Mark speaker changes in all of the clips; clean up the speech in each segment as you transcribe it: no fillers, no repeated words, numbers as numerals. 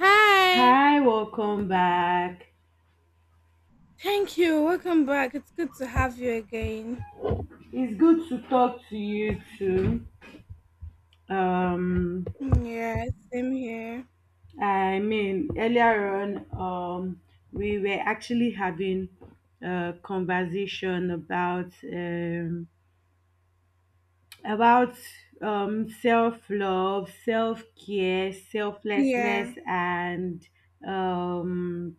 Speaker 1: Hi.
Speaker 2: Hi, welcome back.
Speaker 1: Thank you. Welcome back. It's good to have you again.
Speaker 2: It's good to talk to you too. Um,
Speaker 1: Yeah, same here.
Speaker 2: I mean, earlier on, we were actually having a conversation about self love, self care, selflessness,
Speaker 1: Yeah.
Speaker 2: um,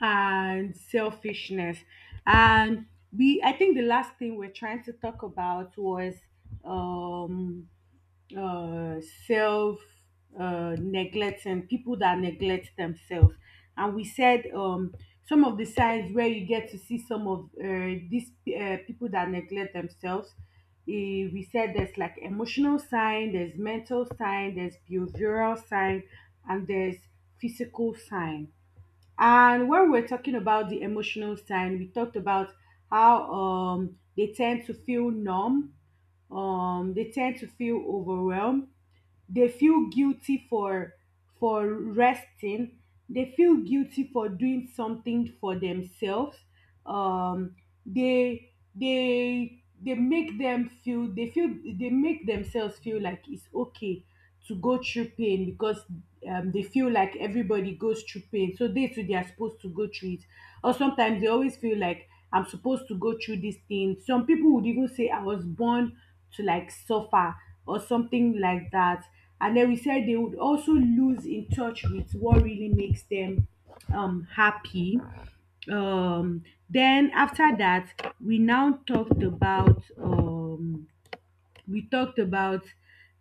Speaker 2: and selfishness, and we I think the last thing we're trying to talk about was um uh self neglect and people that neglect themselves, and we said, some of the signs where you get to see some of these people that neglect themselves. We said there's like emotional sign, there's mental sign, there's behavioral sign, and there's physical sign. And when we're talking about the emotional sign, we talked about how, they tend to feel numb, they tend to feel overwhelmed, they feel guilty for resting, they feel guilty for doing something for themselves. Um, they make them feel — they make themselves feel like it's okay to go through pain because, they feel like everybody goes through pain. So they too, they are supposed to go through it. Or sometimes they always feel like, I'm supposed to go through this thing. Some people would even say I was born to like suffer or something like that. And then we said they would also lose in touch with what really makes them, happy. Um then after that we now talked about, we talked about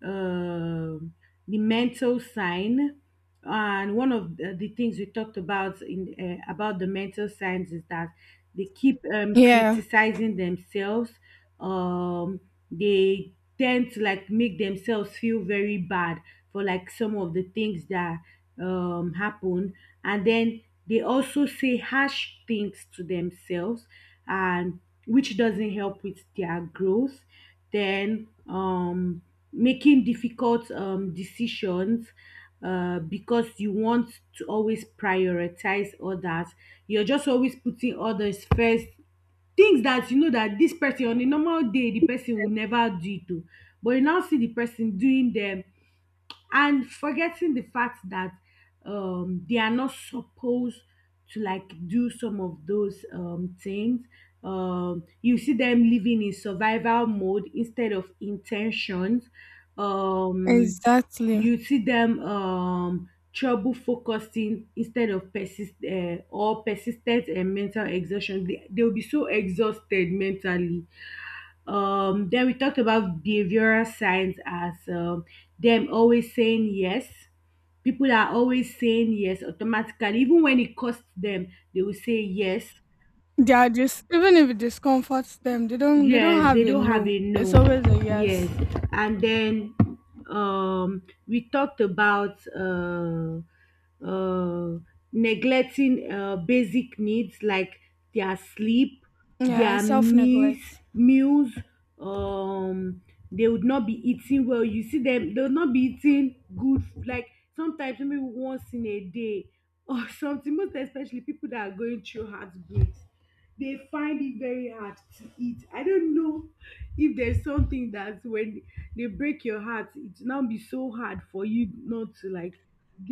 Speaker 2: um the mental sign, and one of the things we talked about in about the mental signs is that they keep,
Speaker 1: Yeah,
Speaker 2: criticizing themselves, um they tend to like make themselves feel very bad for like some of the things that happen, and then they also say harsh things to themselves, and which doesn't help with their growth. Then, making difficult, decisions, because you want to always prioritize others. You're just always putting others first, things that you know that this person, on a normal day the person will never do it o, but you now see the person doing them, and forgetting the fact that, they are not supposed to like do some of those, things. You see them living in survival mode instead of intentions. Um,
Speaker 1: exactly.
Speaker 2: you see them, trouble focusing instead of persistent, and mental exhaustion. They will be so exhausted mentally. Then we talked about behavioral signs as, them always saying yes. People are always saying yes automatically, even when it costs them, they will say yes.
Speaker 1: They are just even if it discomforts them, they don't
Speaker 2: Yes,
Speaker 1: have
Speaker 2: they
Speaker 1: a
Speaker 2: don't have
Speaker 1: no.
Speaker 2: a no.
Speaker 1: It's always a
Speaker 2: Yes.
Speaker 1: yes.
Speaker 2: And then, we talked about, uh neglecting, basic needs like their sleep,
Speaker 1: Yeah, and
Speaker 2: their
Speaker 1: self
Speaker 2: meals,
Speaker 1: neglect.
Speaker 2: meals, um they would not be eating well. You see them, they would not be eating like sometimes maybe once in a day or something, most especially people that are going through heartbreaks. They find it very hard to eat. I don't know if there's something that when they break your heart, it now be so hard for you not to like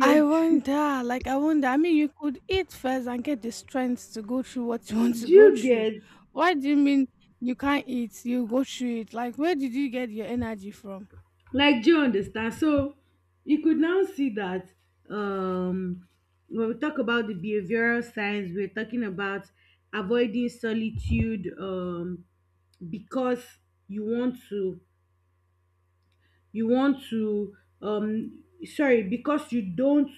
Speaker 1: I
Speaker 2: Do
Speaker 1: wonder, like I wonder, I mean you could eat first and get the strength to go through what you want to go
Speaker 2: you
Speaker 1: through.
Speaker 2: get?
Speaker 1: Why do you mean you can't eat, you go through it? Like where did you get your energy from?
Speaker 2: Like, do you understand? So you could now see that, um, when we talk about the behavioral science, we're talking about avoiding solitude, because you want to you want to sorry, because you don't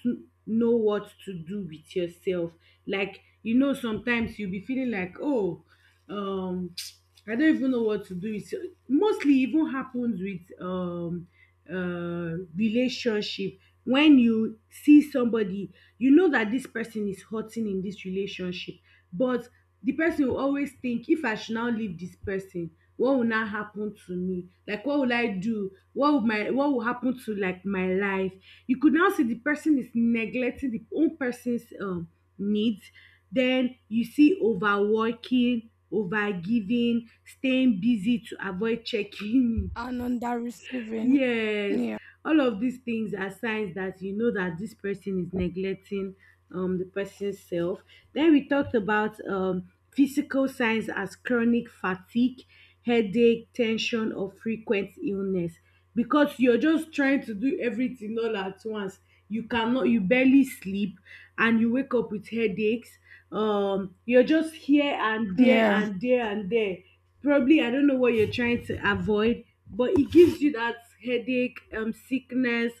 Speaker 2: know what to do with yourself, like you know sometimes you'll be feeling like, oh, um I don't even know what to do with. Mostly e even happens with, relationship. When you see somebody, you know that this person is hurting in this relationship, but the person will always think, if I should now leave this person, what will now happen to me? Like, what will I do? What will happen to, like, my life? You could now see the person is neglecting the own person's, needs. Then you see overworking, overgiving, staying busy to avoid checking.
Speaker 1: And on that receiving.
Speaker 2: Yes,
Speaker 1: Yeah.
Speaker 2: all of these things are signs that you know that this person is neglecting, the person's self. Then we talked about, physical signs as chronic fatigue, headache, tension, or frequent illness. Because you're just trying to do everything all at once. You cannot, you barely sleep, and you wake up with headaches. You're just here and there
Speaker 1: Yeah.
Speaker 2: and there and there. Probably, I don't know what you're trying to avoid, but it gives you that headache, sickness,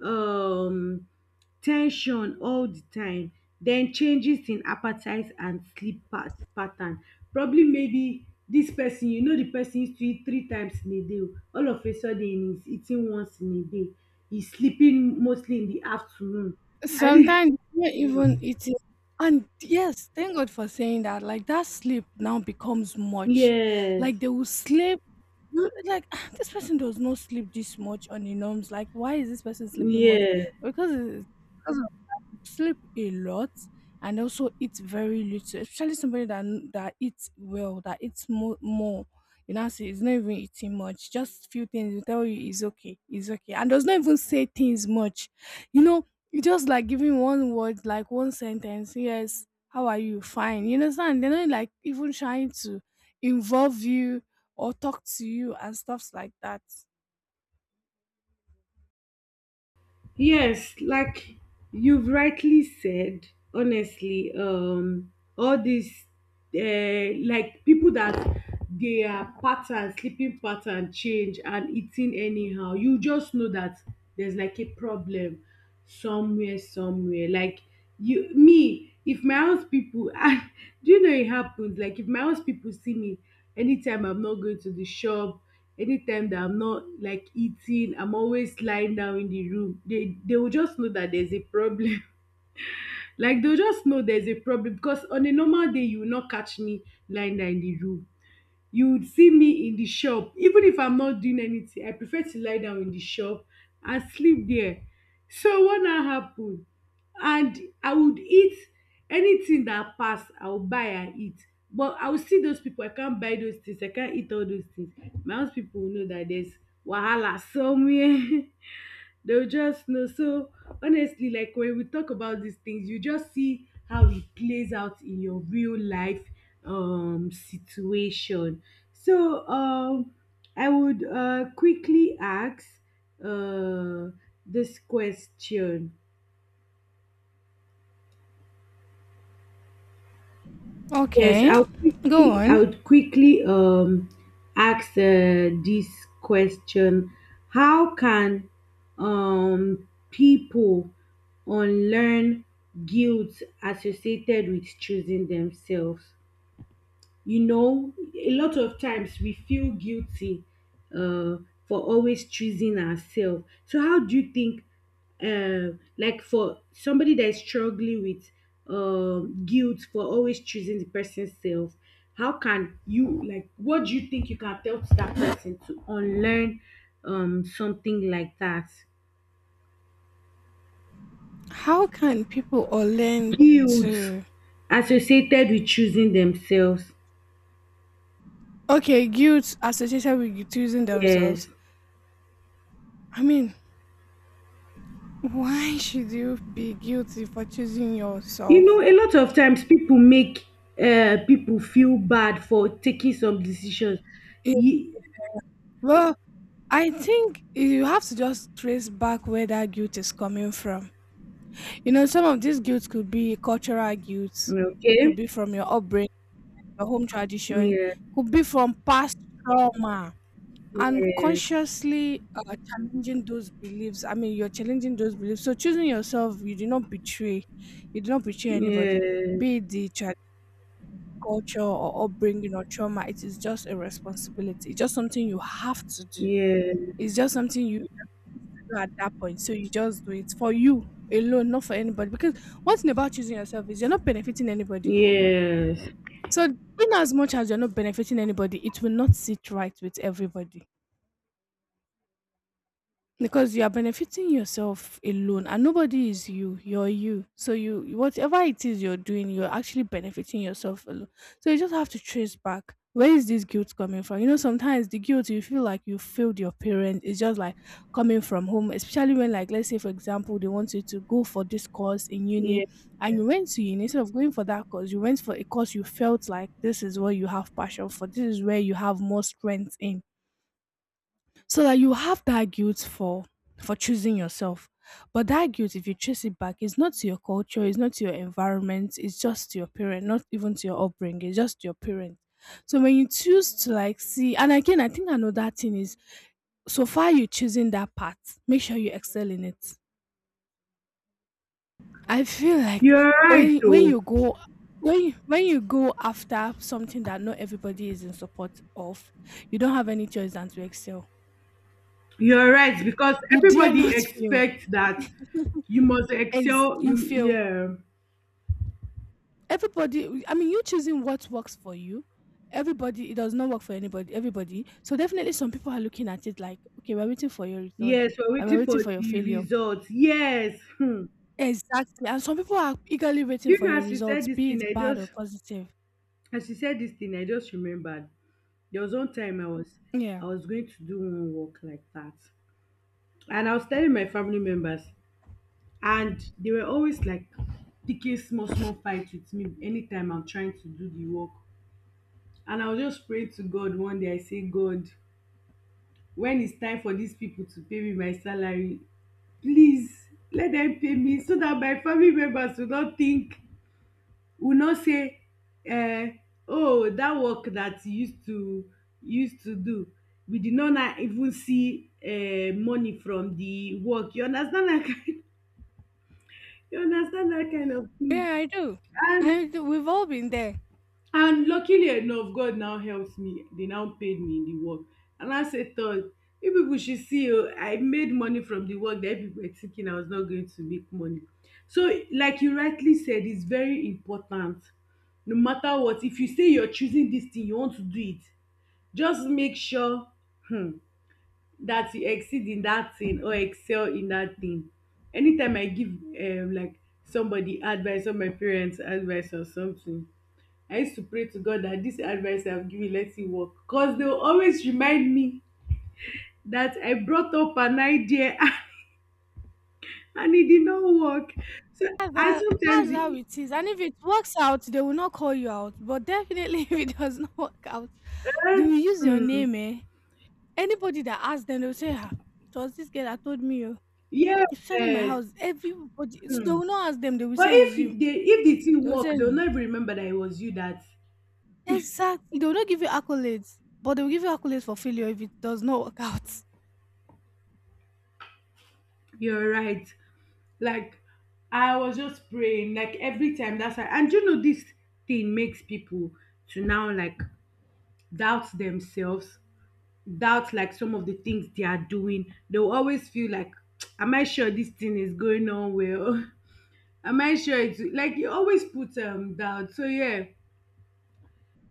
Speaker 2: um tension all the time. Then changes in appetite and sleep pattern. Probably maybe this person, you know the person used to eat three times in a day o, all of a sudden he's eating once in a day, he's sleeping mostly in the afternoon. I think
Speaker 1: Sometimes you not even eating. And yes, thank God for saying that. Like that sleep now becomes much.
Speaker 2: yes.
Speaker 1: Like they will sleep. Like, "Ah, this person does not sleep this much on the norms. Like why is this person sleeping much?
Speaker 2: Yes.
Speaker 1: Because it- sleep a lot and also eat very little, especially somebody that that eats well, that eats more more. You know, see it's not even eating much, just few things will tell you it's okay it's okay, and does not even say things much. You know, you just like giving one word like one sentence. Yes, how are you? Fine. You understand, they're not like even trying to involve you or talk to you and stuffs like that.
Speaker 2: Yes, like you've rightly said, honestly, all these, like people that, their sleeping pattern change and eating anyhow, you just know that there's like a problem somewhere, somewhere. Like you me, if my house people I, do you know it happens? Like if my house people see me anytime I'm not going to the shop. Anytime that I'm not like eating, I'm always lying down in the room. They will just know that there's a problem. Like they'll just know there's a problem because on a normal day you will not catch me lying down in the room. You would see me in the shop. Even if I'm not doing anything, I prefer to lie down in the shop and sleep there. So what now happen, and I would eat anything that pass, I will buy and eat. But I will see those people, I can't buy those things, I can't eat all those things. My house people will know that there's wahala somewhere. They'll just know. So honestly, like when we talk about these things, you just see how it plays out in your real life, situation. So, I would, quickly ask, uh this question. Yes,
Speaker 1: Okay, go
Speaker 2: I
Speaker 1: on.
Speaker 2: would quickly, ask, this question. How can, people unlearn guilt associated with choosing themselves? You know a lot of times we feel guilty, uh, for always choosing ourselves. So how do you think, like for somebody that is struggling with, guilt for always choosing the person's self, how can you — like, what do you think you can tell to that person to unlearn, something like that,
Speaker 1: How can people or learn
Speaker 2: guilt
Speaker 1: to.
Speaker 2: associated with choosing themselves?
Speaker 1: Okay, guilt associated with choosing
Speaker 2: Yes,
Speaker 1: themselves. I mean, why should you be guilty for choosing
Speaker 2: you know
Speaker 1: yourself?
Speaker 2: a lot of times people make, people feel bad for taking some decisions.
Speaker 1: It-
Speaker 2: Ye-
Speaker 1: well, I think you have to just trace back where that guilt is coming from. You know, some of this guilt could be cultural guilt, could
Speaker 2: okay.
Speaker 1: be from your upbringing, your home tradition,
Speaker 2: Yeah.
Speaker 1: could be from past trauma. And
Speaker 2: Yeah.
Speaker 1: consciously challenging those beliefs. I mean, you're challenging those beliefs. So choosing yourself, you do not betray, you do not betray anybody,
Speaker 2: Yeah.
Speaker 1: be it the culture or upbringing or trauma. It is just a responsibility. It's just something you have to do.
Speaker 2: Yeah.
Speaker 1: It's just something you do at that point. So you just do it for you alone, not for anybody. Because one thing about choosing yourself is you're not benefiting anybody.
Speaker 2: Yes.
Speaker 1: So in as much as you're not benefiting anybody, it will not sit right with everybody. Because you are benefiting yourself alone, and nobody is you, you're you, so you whatever it is you're doing, you're actually benefiting yourself alone. So you just have to trace back where is this guilt coming from. You know, sometimes the guilt you feel like you failed your parents is just like coming from home, especially when, like, let's say for example they want you to go for this course in uni,
Speaker 2: Yeah.
Speaker 1: and you went to uni, instead of going for that course you went for a course you felt like this is where you have passion for, this is where you have more strength in. So that you have that guilt for choosing yourself. But that guilt, if you trace it back, it's not to your culture, it's not to your environment, it's just to your parent, not even to your upbringing, it's just to your parent. So when you choose to, like, see. And again, I think another thing is, so far you're choosing that path, make sure you excel in it. I feel like
Speaker 2: You're right
Speaker 1: when
Speaker 2: though.
Speaker 1: you go, when you go after something that not everybody is in support of, you don't have any choice than to excel.
Speaker 2: You're right, because
Speaker 1: You dare
Speaker 2: everybody
Speaker 1: not fail.
Speaker 2: expects that you must
Speaker 1: As
Speaker 2: excel.
Speaker 1: you
Speaker 2: Mm,
Speaker 1: fail,
Speaker 2: yeah.
Speaker 1: everybody, I mean, you choosing what works for you, everybody, it does not work for anybody, everybody. So definitely some people are looking at it like, okay, we're waiting for your return.
Speaker 2: Yes, we're
Speaker 1: Like we're
Speaker 2: waiting for
Speaker 1: waiting for your
Speaker 2: the
Speaker 1: failure.
Speaker 2: results. Yes. Hmm.
Speaker 1: Exactly, and some people are eagerly waiting
Speaker 2: Do you
Speaker 1: for
Speaker 2: know,
Speaker 1: your results, be it bad or positive.
Speaker 2: as you said this thing I just remembered, there was one time I was —
Speaker 1: Yeah,
Speaker 2: I was going to do one work like that. And I was telling my family members, and they were always like picking small, small fights with me anytime I'm trying to do the work. And I was just praying to God one day. I say, God, when it's time for these people to pay me my salary, please let them pay me so that my family members will not think uno say, um oh, dat work dat you used to do, we did not now even see, money from the work. You understand dat kind you understand dat kind of thing.
Speaker 1: yeah. I do.
Speaker 2: and
Speaker 1: I do, we've all been there.
Speaker 2: And luckily enough, God now helped me. They now paid me in the work. And I said — thought, you people should see, oh, I made money from the work that people were thinking I was not going to make money. So, like you rightly said, it's very important. No matter what, if you say you're choosing this thing, you want to do it, just make sure hmm, that you exceed in that thing or excel in that thing. Anytime I give, like, somebody advice or my parents advice or something, I used to pray to God that this advice I've given, let it work. Because they will always remind me that I brought up an idea and it did not work. So
Speaker 1: that's
Speaker 2: I
Speaker 1: how,
Speaker 2: sometimes,
Speaker 1: that's how it is. And if it works out, they will not call you out, but definitely if it does not work out, they will
Speaker 2: uh,
Speaker 1: use your
Speaker 2: hmm.
Speaker 1: name, eh, anybody that asks them, they'll say, "Ah, it was this girl that told me, oh." Especially my
Speaker 2: Yes.
Speaker 1: house, everybody, so they
Speaker 2: Hmm.
Speaker 1: will not ask them, they will
Speaker 2: But
Speaker 1: say it's
Speaker 2: if
Speaker 1: you.
Speaker 2: they — if the thing
Speaker 1: They will
Speaker 2: work,
Speaker 1: say,
Speaker 2: they'll
Speaker 1: "Hmm."
Speaker 2: never remember that it was you that.
Speaker 1: Exactly, they will not give you accolades, but they will give you accolades for failure if it does not work out.
Speaker 2: You're right. Like I was just praying, like every time, that's why. And you know this thing makes people to now like doubt themselves, doubt like some of the things they are doing. They'll always feel like, am I sure this thing is going on well? Am I sure it's like you always put, doubt. So yeah.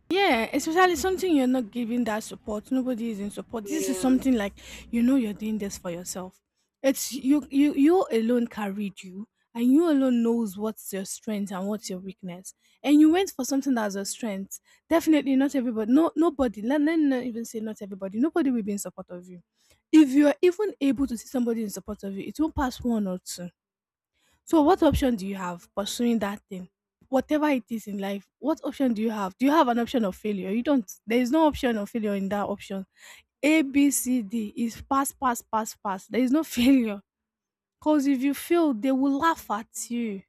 Speaker 1: Yeah, especially something you're not giving that support. Nobody is in support. This is
Speaker 2: Yeah.
Speaker 1: something like, you know, you're doing this for yourself. It's you, you, you alone carried you, and you alone knows what's your strength and what's your weakness. And you went for something that's your strength. Definitely not everybody, no, nobody, let me not even say not everybody. Nobody will be in support of you. If you are even able to see somebody in support of you, it won't pass one or two. So what option do you have pursuing that thing? Whatever it is in life, what option do you have? Do you have an option of failure? You don't. There is no option of failure in that option. A, B, C, D is pass, pass, pass, pass. There is no failure. Because if you fail, they will laugh at you.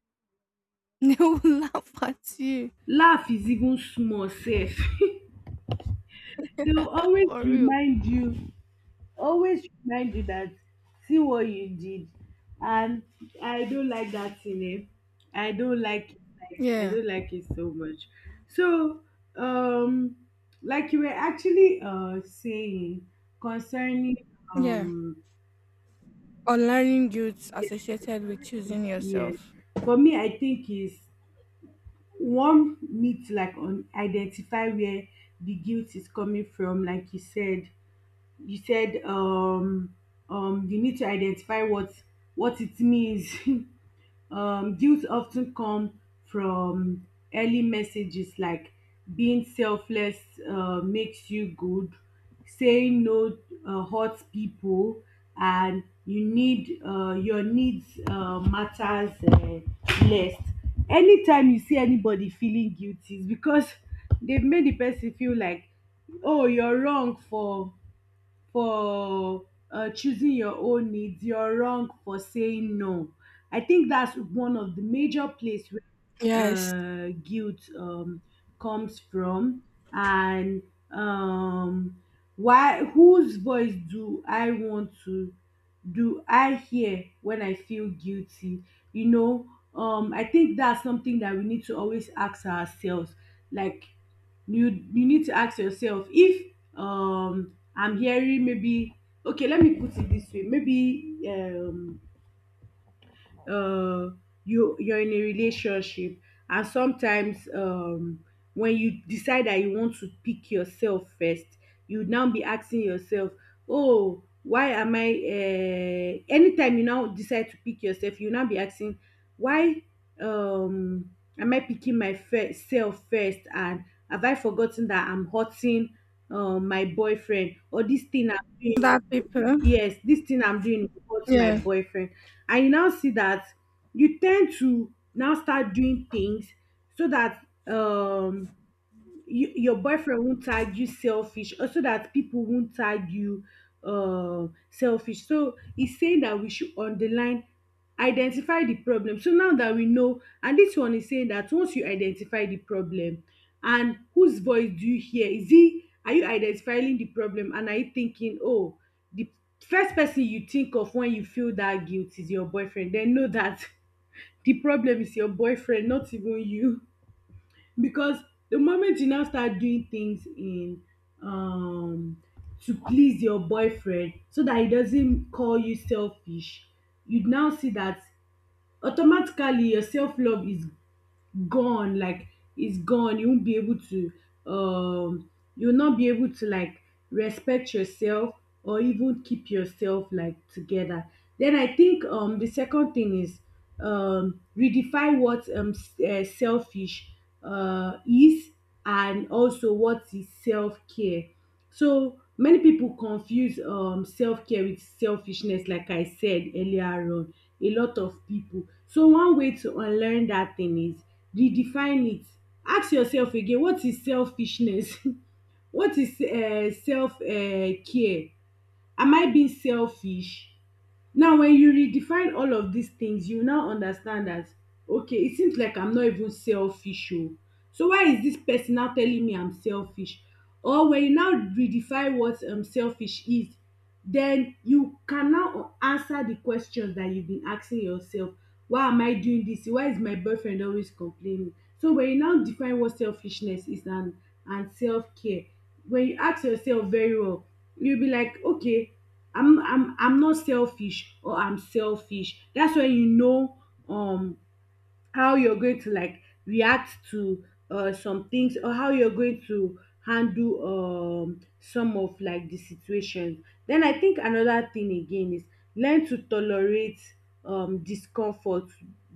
Speaker 1: They will laugh at you.
Speaker 2: Laugh is even small safe. They'll always
Speaker 1: For real.
Speaker 2: remind you always remind you that, see what you did. And I don't like that thing. I don't like it, like I
Speaker 1: Yeah,
Speaker 2: don't like it so much. So um like you were actually saying, concerning,
Speaker 1: yeah.
Speaker 2: um
Speaker 1: Unlearning guilt
Speaker 2: yes,
Speaker 1: associated with choosing
Speaker 2: yes,
Speaker 1: yourself.
Speaker 2: for me I think is, one need to like identify where the guilt is coming from, like you said. You said you need to identify what it means. Guilt often come from early messages like being selfless makes you good, saying no hurts people, and your needs matters less. Anytime you see anybody feeling guilty, it's because they've made the person feel like, oh, you're wrong for choosing your own needs, you're wrong for saying no. I think that's one of the major place
Speaker 1: Yes.
Speaker 2: where guilt comes from. And um, why whose voice do I want to, do I hear when I feel guilty you know I think that's something that we need to always ask ourselves. Like you need to ask yourself if I'm hearing, maybe. Okay, let me put it this way. Maybe um uh, you're in a relationship and sometimes when you decide that you want to pick yourself first, you now be asking yourself, oh why am I anytime you now decide to pick yourself you now be asking, why um, am I picking myself first, and have I forgotten that I'm hurting my boyfriend, or this thing I'm doing?
Speaker 1: That people.
Speaker 2: Yes, this thing I'm doing hurts my
Speaker 1: Yeah.
Speaker 2: boyfriend. And you now see that you tend to now start doing things so that your boyfriend won't tag you selfish, or so that people won't tag you selfish. So he's saying that we should underline, identify the problem, so now that we know, and this one is saying that once you identify the problem and whose voice do you hear, is he are you identifying the problem and are you thinking, oh, the first person you think of when you feel that guilt is your boyfriend, then know that the problem is your boyfriend, not even you. Because the moment you now start doing things in um to please your boyfriend so that he doesn't call you selfish, you now see that automatically your self love is gone, like it's gone. Um you'll not be able to like respect yourself, or even keep yourself like together. Then I think the second thing is, redefine what selfish is, and also what is self-care. So many pipu confuse self-care with selfishness, like I said earlier on, a lot of pipu. So one way to unlearn dat thing is redefine it. Ask yourself again, what is selfishness? What is self care? Am I being selfish? Now when you redefine all of dis things you now understand dat, okay, e seems like I'm not even selfish oo, so why is dis person now telling me I'm selfish? Or when you now redefine what selfish is, then you can now answer the questions that you've been asking yourself. Why am I doing this? Why is my boyfriend always complaining? So when you now define what selfishness is, and self-care, when you ask yourself very well, you'll be like, okay, I'm not selfish, or I'm selfish. That's when you know um how you're going to like react to some things, or how you're going to handle some of like the situations. Then I think another thing again is, learn to tolerate discomfort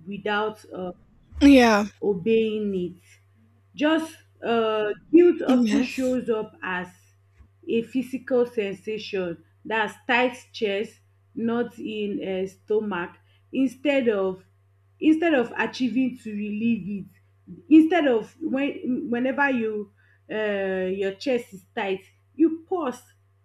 Speaker 2: without
Speaker 1: Yeah.
Speaker 2: obeying it. Just Guilt often
Speaker 1: Yes.
Speaker 2: shows up as a physical sensation, that's tight chest, not in stomach. Instead of instead of achieving to relieve it, instead of when whenever you your chest is tight, you pause,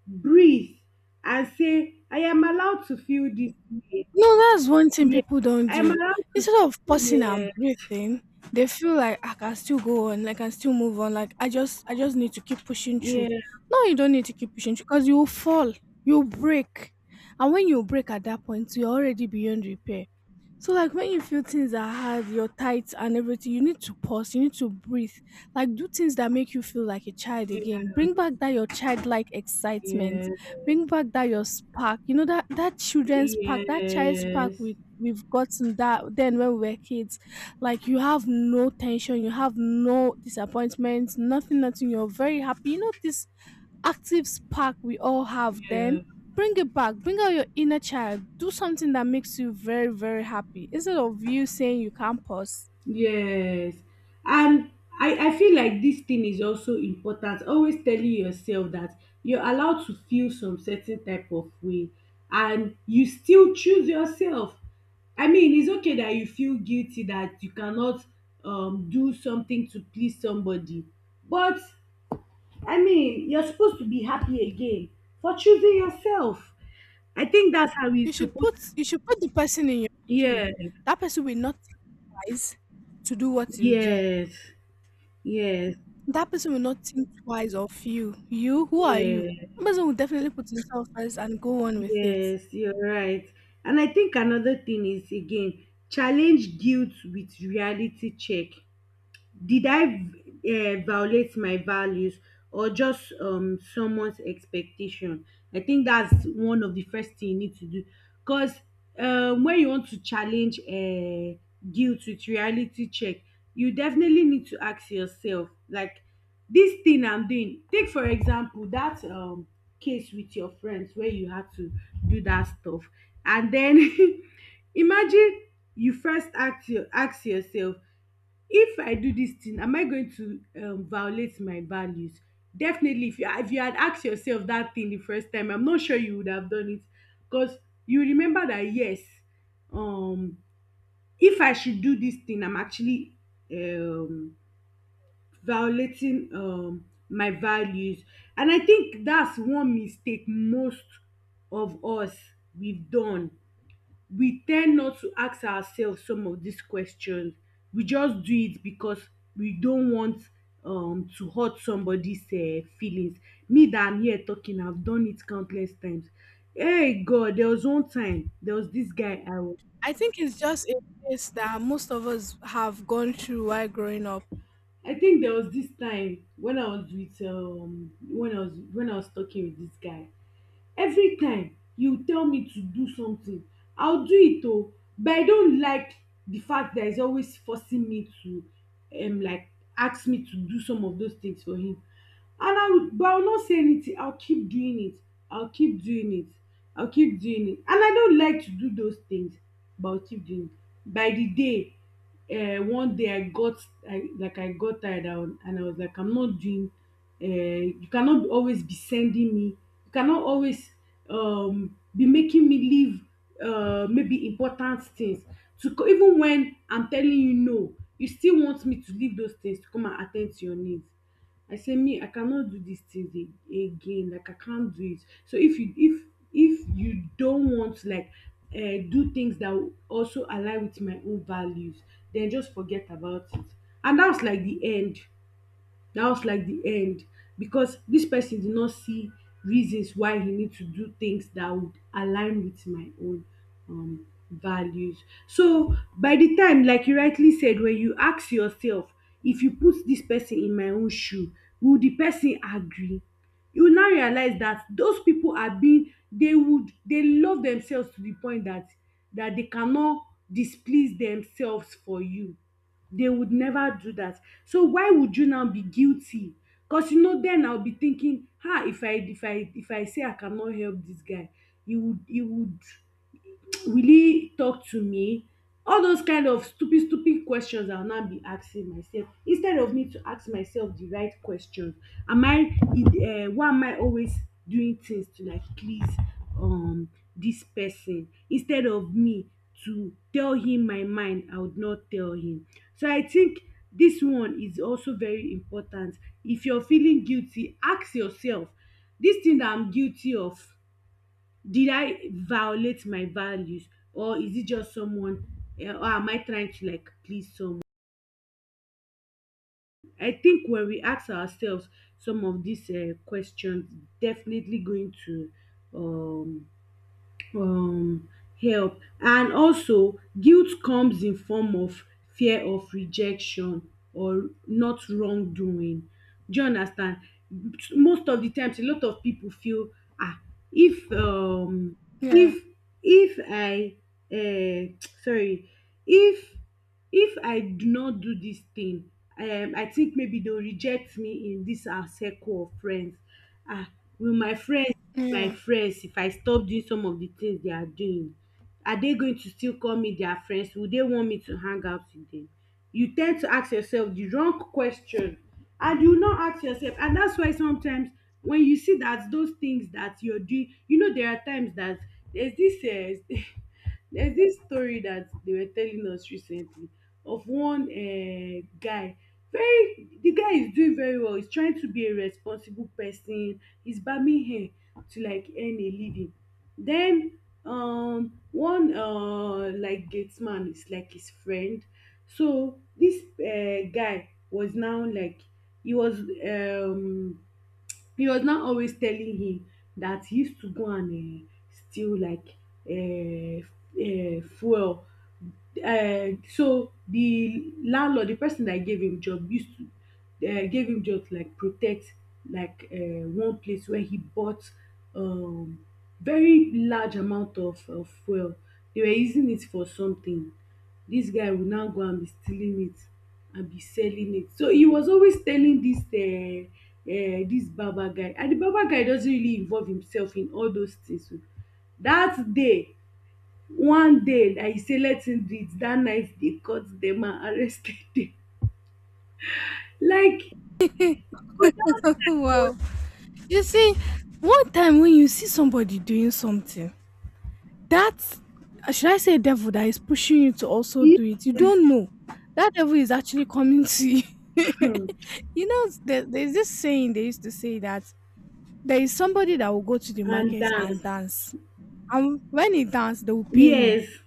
Speaker 2: breathe, and say, "I am allowed to feel this pain."
Speaker 1: No, that's one thing
Speaker 2: Yeah,
Speaker 1: people don't
Speaker 2: I am
Speaker 1: do.
Speaker 2: allowed to.
Speaker 1: Instead of pausing and
Speaker 2: Yeah,
Speaker 1: breathing, they feel like, "Ah, I can still go on, like I can still move on. Like I just need to keep pushing through."
Speaker 2: yeah.
Speaker 1: No, you don't need to keep pushing through because you will fall. You will break. And when you break at that point, you're already beyond repair. So like when you feel things are hard, you're tight and everything, you need to pause, you need to breathe. Like do things that make you feel like a child
Speaker 2: Yeah.
Speaker 1: again. Bring back that your childlike excitement,
Speaker 2: Yes.
Speaker 1: bring back that your spark. You know that, that children's spark, that child's spark,
Speaker 2: Yes.
Speaker 1: we we've gotten that then when we were kids. Like you have no tension, you have no disappointments, nothing, nothing, you're very happy. You know this active spark we all have then.
Speaker 2: Yeah.
Speaker 1: Bring it back, bring out your inner child, do something that makes you very very happy, instead of you saying you can't pause.
Speaker 2: Yes. And I feel like this thing is also important. Always telling yourself that you're allowed to feel some certain type of way and you still choose yourself. I mean, it's okay that you feel guilty that you cannot do something to please somebody. But I mean, you're supposed to be happy again for choosing yourself. I think that's how
Speaker 1: you
Speaker 2: it's
Speaker 1: should
Speaker 2: supposed
Speaker 1: put
Speaker 2: to.
Speaker 1: you should put the person in your shoe.
Speaker 2: Yeah.
Speaker 1: That person will not rise to do what you do.
Speaker 2: Yes, yes,
Speaker 1: That person will not think twice of you. You, who are you?
Speaker 2: yes,
Speaker 1: That person will definitely put himself first and go on with it.
Speaker 2: yes, you're right. And I think another thing is again, challenge guilt with reality check. Did I violate my values, or just someone's expectation? I think that's one of the first thing you need to do. Because when you want to challenge guilt with reality check, you definitely need to ask yourself like, this thing I'm doing, take for example that case with your friends where you had to do that stuff, and then imagine. You first ask yourself, if I do this thing am I going to violate my values? Definitely if you, had asked yourself that thing the first time, I'm not sure you would have done it. Because you remember that yes, um if I should do this thing I'm actually um violating my values. And I think that's one mistake most of us we've done. We ten d not to ask ourselves some of these questions, we just do it because we don't want to hurt somebody's feelings. Me that I'm here talking, I've done it countless times. Hey god, there was one time, there was this guy I was
Speaker 1: I think it's just a phase that most of us have gone through while growing up.
Speaker 2: I think there was this time when I was with when I was talking with this guy. Every time you tell me to do something, I'll do it oo, but I don't like the fact that he's always forcing me to like ask me to do some of those things for him. And I will, but I will not say anything, I'll keep doing it, I'll keep doing it, I'll keep doing it, and I don't like to do those things, but I'll keep doing it. By the day, one day I got, I got tired. And I was like, I'm not doing. um you cannot always be sending me, you cannot always be making me leave maybe important things even when I'm telling you no, you still want me to leave those things to come and attend to your needs. I say, me I cannot do these things again, like I can't do it. So if you don't want to like do things that will also align with my own values, then just forget about it. And that's like the end. Dat was like the end, because dis person did not see reasons why he need to do things that would align with my own values. So by the time, like you rightly said, when you ask yourself, if you put dis person in my own shoe, will the person agree? You will now realize dat those pipu are being they would they love themselves to the point dat they cannot displease themselves for you. They would never do that. So why would you now be guilty? Because, then I'll be thinking, ah, if I say I cannot help this guy, he would really talk to me? All those kind of stupid stupid questions I will now be asking myself, instead of me to ask myself the right questions. Am I Why am I always doing things to like please um this person, instead of me to tell him my mind? I would not tell him. So I think this one is also very important. If you're feeling guilty, ask yourself, this thing that I'm guilty of, did I violate my values, or is it just someone, or am I trying to like please someone? I think when we ask ourselves some of these questions, definitely going to um um help. And also, guilt comes in form of fear of rejection or not wrongdoing, do you understand? Most of the times a lot of people feel, ah, if um
Speaker 1: Yeah,
Speaker 2: if if I um sorry, if if I do not do this thing, I think maybe they will reject me in this our circle of friends. Ah, will my friends,
Speaker 1: yeah.
Speaker 2: if I stop doing some of the things they are doing? Are they going to still call me their friends? Will they want me to hang out with them? You tend to ask yourself the wrong question, and you no ask yourself, and that's why sometimes when you see that those things that you're doing, you know there are times that, there's this there's this story that they were telling us recently, of one guy, very the guy is doing very well, he's trying to be a responsible person, he's barbing hair to like earn a living. Then one like gate man is like his friend. So this guy was now like he was um he was now always telling him that he used to go and steal like um fuel. So the landlord, the person that gave him job used to gave him job to like protect like one place where he bought um very large amount of fuel. They were using it for something. Dis guy will now go and be stealing it and be selling it. So he was always telling this this barber guy, and the barber guy doesn't really involve himself in all those things oo. That day one day na he say let him do it, that night they caught them and arrested them. Like for that night was
Speaker 1: wow. You see, one time when you see somebody doing something, that, should I say, devil that is pushing you to also do it, you
Speaker 2: yes
Speaker 1: don't know. That devil is actually coming to you.
Speaker 2: um
Speaker 1: You know, there's this saying they used to say, that there is somebody that will go to the
Speaker 2: and
Speaker 1: market and
Speaker 2: dance.
Speaker 1: dance, and when he dance, they will pay him.
Speaker 2: Yes,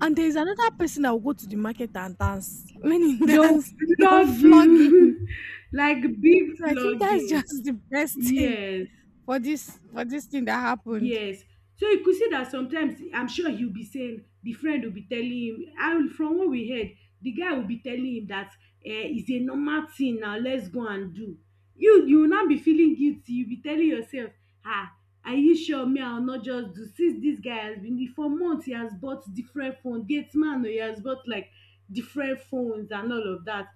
Speaker 1: And there is another person that will go to the market and dance. When he
Speaker 2: they will
Speaker 1: dance, they will
Speaker 2: flog
Speaker 1: flog him.
Speaker 2: you like big
Speaker 1: So I think that's
Speaker 2: flogging.
Speaker 1: just the best thing
Speaker 2: Yes.
Speaker 1: for this thing that happened.
Speaker 2: Yes. So you could see that sometimes, I'm sure he'll be saying, the friend will be telling him, and from what we heard, the guy will be telling him that, it's a normal thing now, let's go and do. You will now be feeling guilty, you be telling yourself, ah, are you sure me I will not just do, since this guy has been for months, he has bought different phone gate man oh, he has bought like different phones and all of that.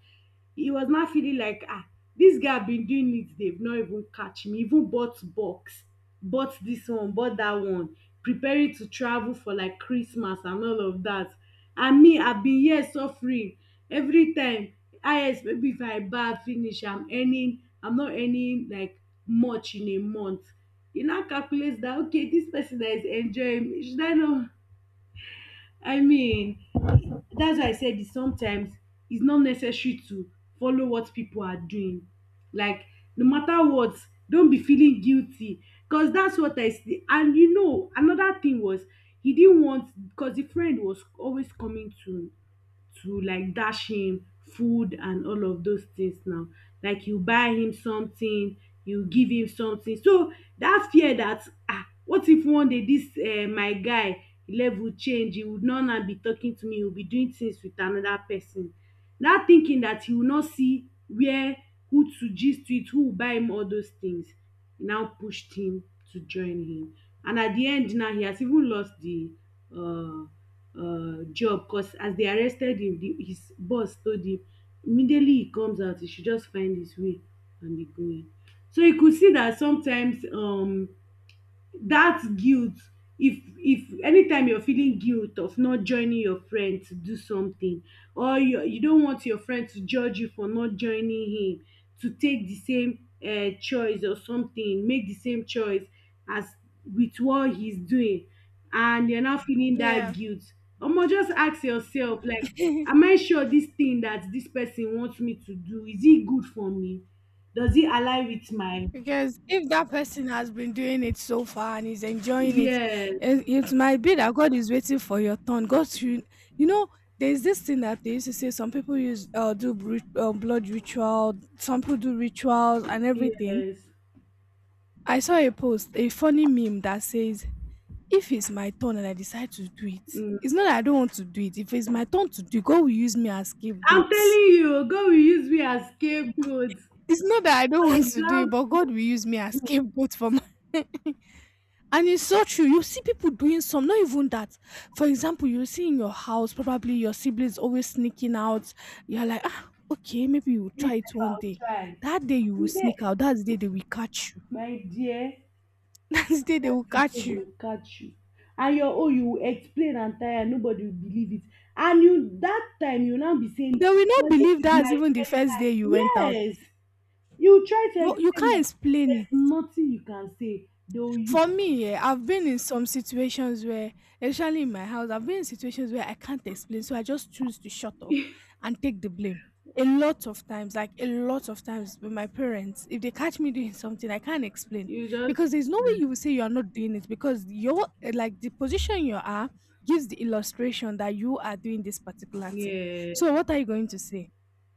Speaker 2: He was now feeling like, ah, this guy been doing it, they've not even catch me, even bought box, bought this one, bought that one, preparing to travel for like Christmas and all of that. I mean, I bin hear suffering everytime. Highest maybe if I barb finish, I'm earning, I'm not earning like much in a month. You now calculate that okay, this person that is enjoying me, should I not, I mean, that's why I said it sometimes it's not necessary to follow what people are doing, like no matter what, don't be feeling guilty, because that's what I see. And you know another thing was, he didn't want, because the friend was always coming to like dash him food and all of those things now. Like you buy him something, you give him something. So dat fear dat what if one day dis my guy level change, he would no now be talking to me, he will be doing things with another person. Dat thinking dat you no see where, who to gist with, who will buy him all those things, now pushed him to join him. And at de end now, he has even lost de um job cos as dey arrested him, the, his boss told him immediately he comes out he should just find his way and be going. So you could see that sometimes, that guilt, if anytime you're feeling guilt of not joining your friend to do something, or you don't want your friend to judge you for not joining him to take the same choice or something, make the same choice as with what he's doing, and you're not feeling that
Speaker 1: Yeah.
Speaker 2: guilt, omo, just ask yourself like, am I sure this thing that this person wants me to do is it good for me, does it align with my,
Speaker 1: because if that person has been doing it so far and is enjoying it, it,
Speaker 2: yes,
Speaker 1: it might be that God is waiting for your turn. God, you know, there's this thing that they used to say. Some people use blood ritual. Some people do rituals and everything.
Speaker 2: yes,
Speaker 1: I saw a post, a funny meme that says, if it's my turn and I decide to do it, it's
Speaker 2: mm.
Speaker 1: not that I don't want to do it. If it's my turn to do it, God will use me as scapegoat.
Speaker 2: I'm
Speaker 1: It's
Speaker 2: telling you, God will use me as scapegoat.
Speaker 1: not that I don't
Speaker 2: For
Speaker 1: want to do it, but God
Speaker 2: example,
Speaker 1: will use me as scapegoat for my. and it's so true. You see people doing some, not even that. For example, you see in your house, probably your siblings always sneaking out. You're like, ah, okay, maybe you will
Speaker 2: this
Speaker 1: try it
Speaker 2: if
Speaker 1: one
Speaker 2: I'll
Speaker 1: day.
Speaker 2: try.
Speaker 1: That day you will
Speaker 2: He said,
Speaker 1: sneak out. That's the day they will catch you.
Speaker 2: my dear,
Speaker 1: That's the day they will
Speaker 2: that they
Speaker 1: catch you.
Speaker 2: will catch you. And your own, you will explain and tire, nobody will believe it. And you that time you now be
Speaker 1: They
Speaker 2: saying,
Speaker 1: will not
Speaker 2: well, this
Speaker 1: believe
Speaker 2: is
Speaker 1: that's
Speaker 2: my
Speaker 1: even the
Speaker 2: first
Speaker 1: first
Speaker 2: time.
Speaker 1: day you went out.
Speaker 2: Yes. You try to
Speaker 1: You
Speaker 2: explain
Speaker 1: can't
Speaker 2: that
Speaker 1: explain
Speaker 2: there's
Speaker 1: it.
Speaker 2: nothing you can say. Though you
Speaker 1: For me, yeah, I've been in some situations where, especially in my house, I've been in situations where I can't explain, so I just choose to shut up and take the blame. A lot of times, with my parents, if they catch me doing something, I can't explain
Speaker 2: you just
Speaker 1: because there's no way you will say you are not doing it, because your, eh, like the position you are gives the illustration that you are doing this particular thing.
Speaker 2: yeah.
Speaker 1: So what are you going to say?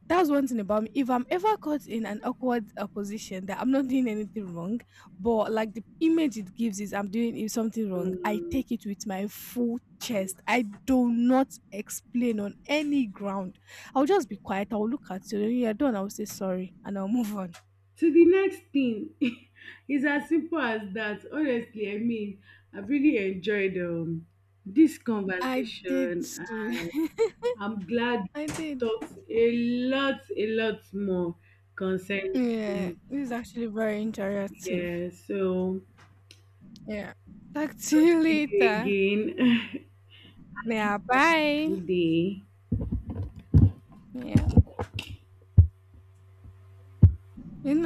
Speaker 1: That's one thing about me. If I'm ever caught in an awkward position that I'm not doing anything wrong, but like the image it gives is I'm doing is something wrong, I
Speaker 2: Mm.
Speaker 1: take it with my full chest. I do not explain on any ground. I'll just be quiet. I'll look at you. When you're done, I'll say sorry and I'll move on.
Speaker 2: So the next thing is as simple as that. Honestly, I mean, I've really enjoyed this
Speaker 1: I did.
Speaker 2: conversation.
Speaker 1: Too.
Speaker 2: And I'm glad
Speaker 1: I
Speaker 2: we've
Speaker 1: did.
Speaker 2: talked a lot more concerning
Speaker 1: Yeah.
Speaker 2: this.
Speaker 1: This is actually very interactive.
Speaker 2: Yeah, so
Speaker 1: Yeah. Talk to you
Speaker 2: see
Speaker 1: later.
Speaker 2: you again.
Speaker 1: Yeah. Bye.
Speaker 2: Good day.
Speaker 1: Yeah. It's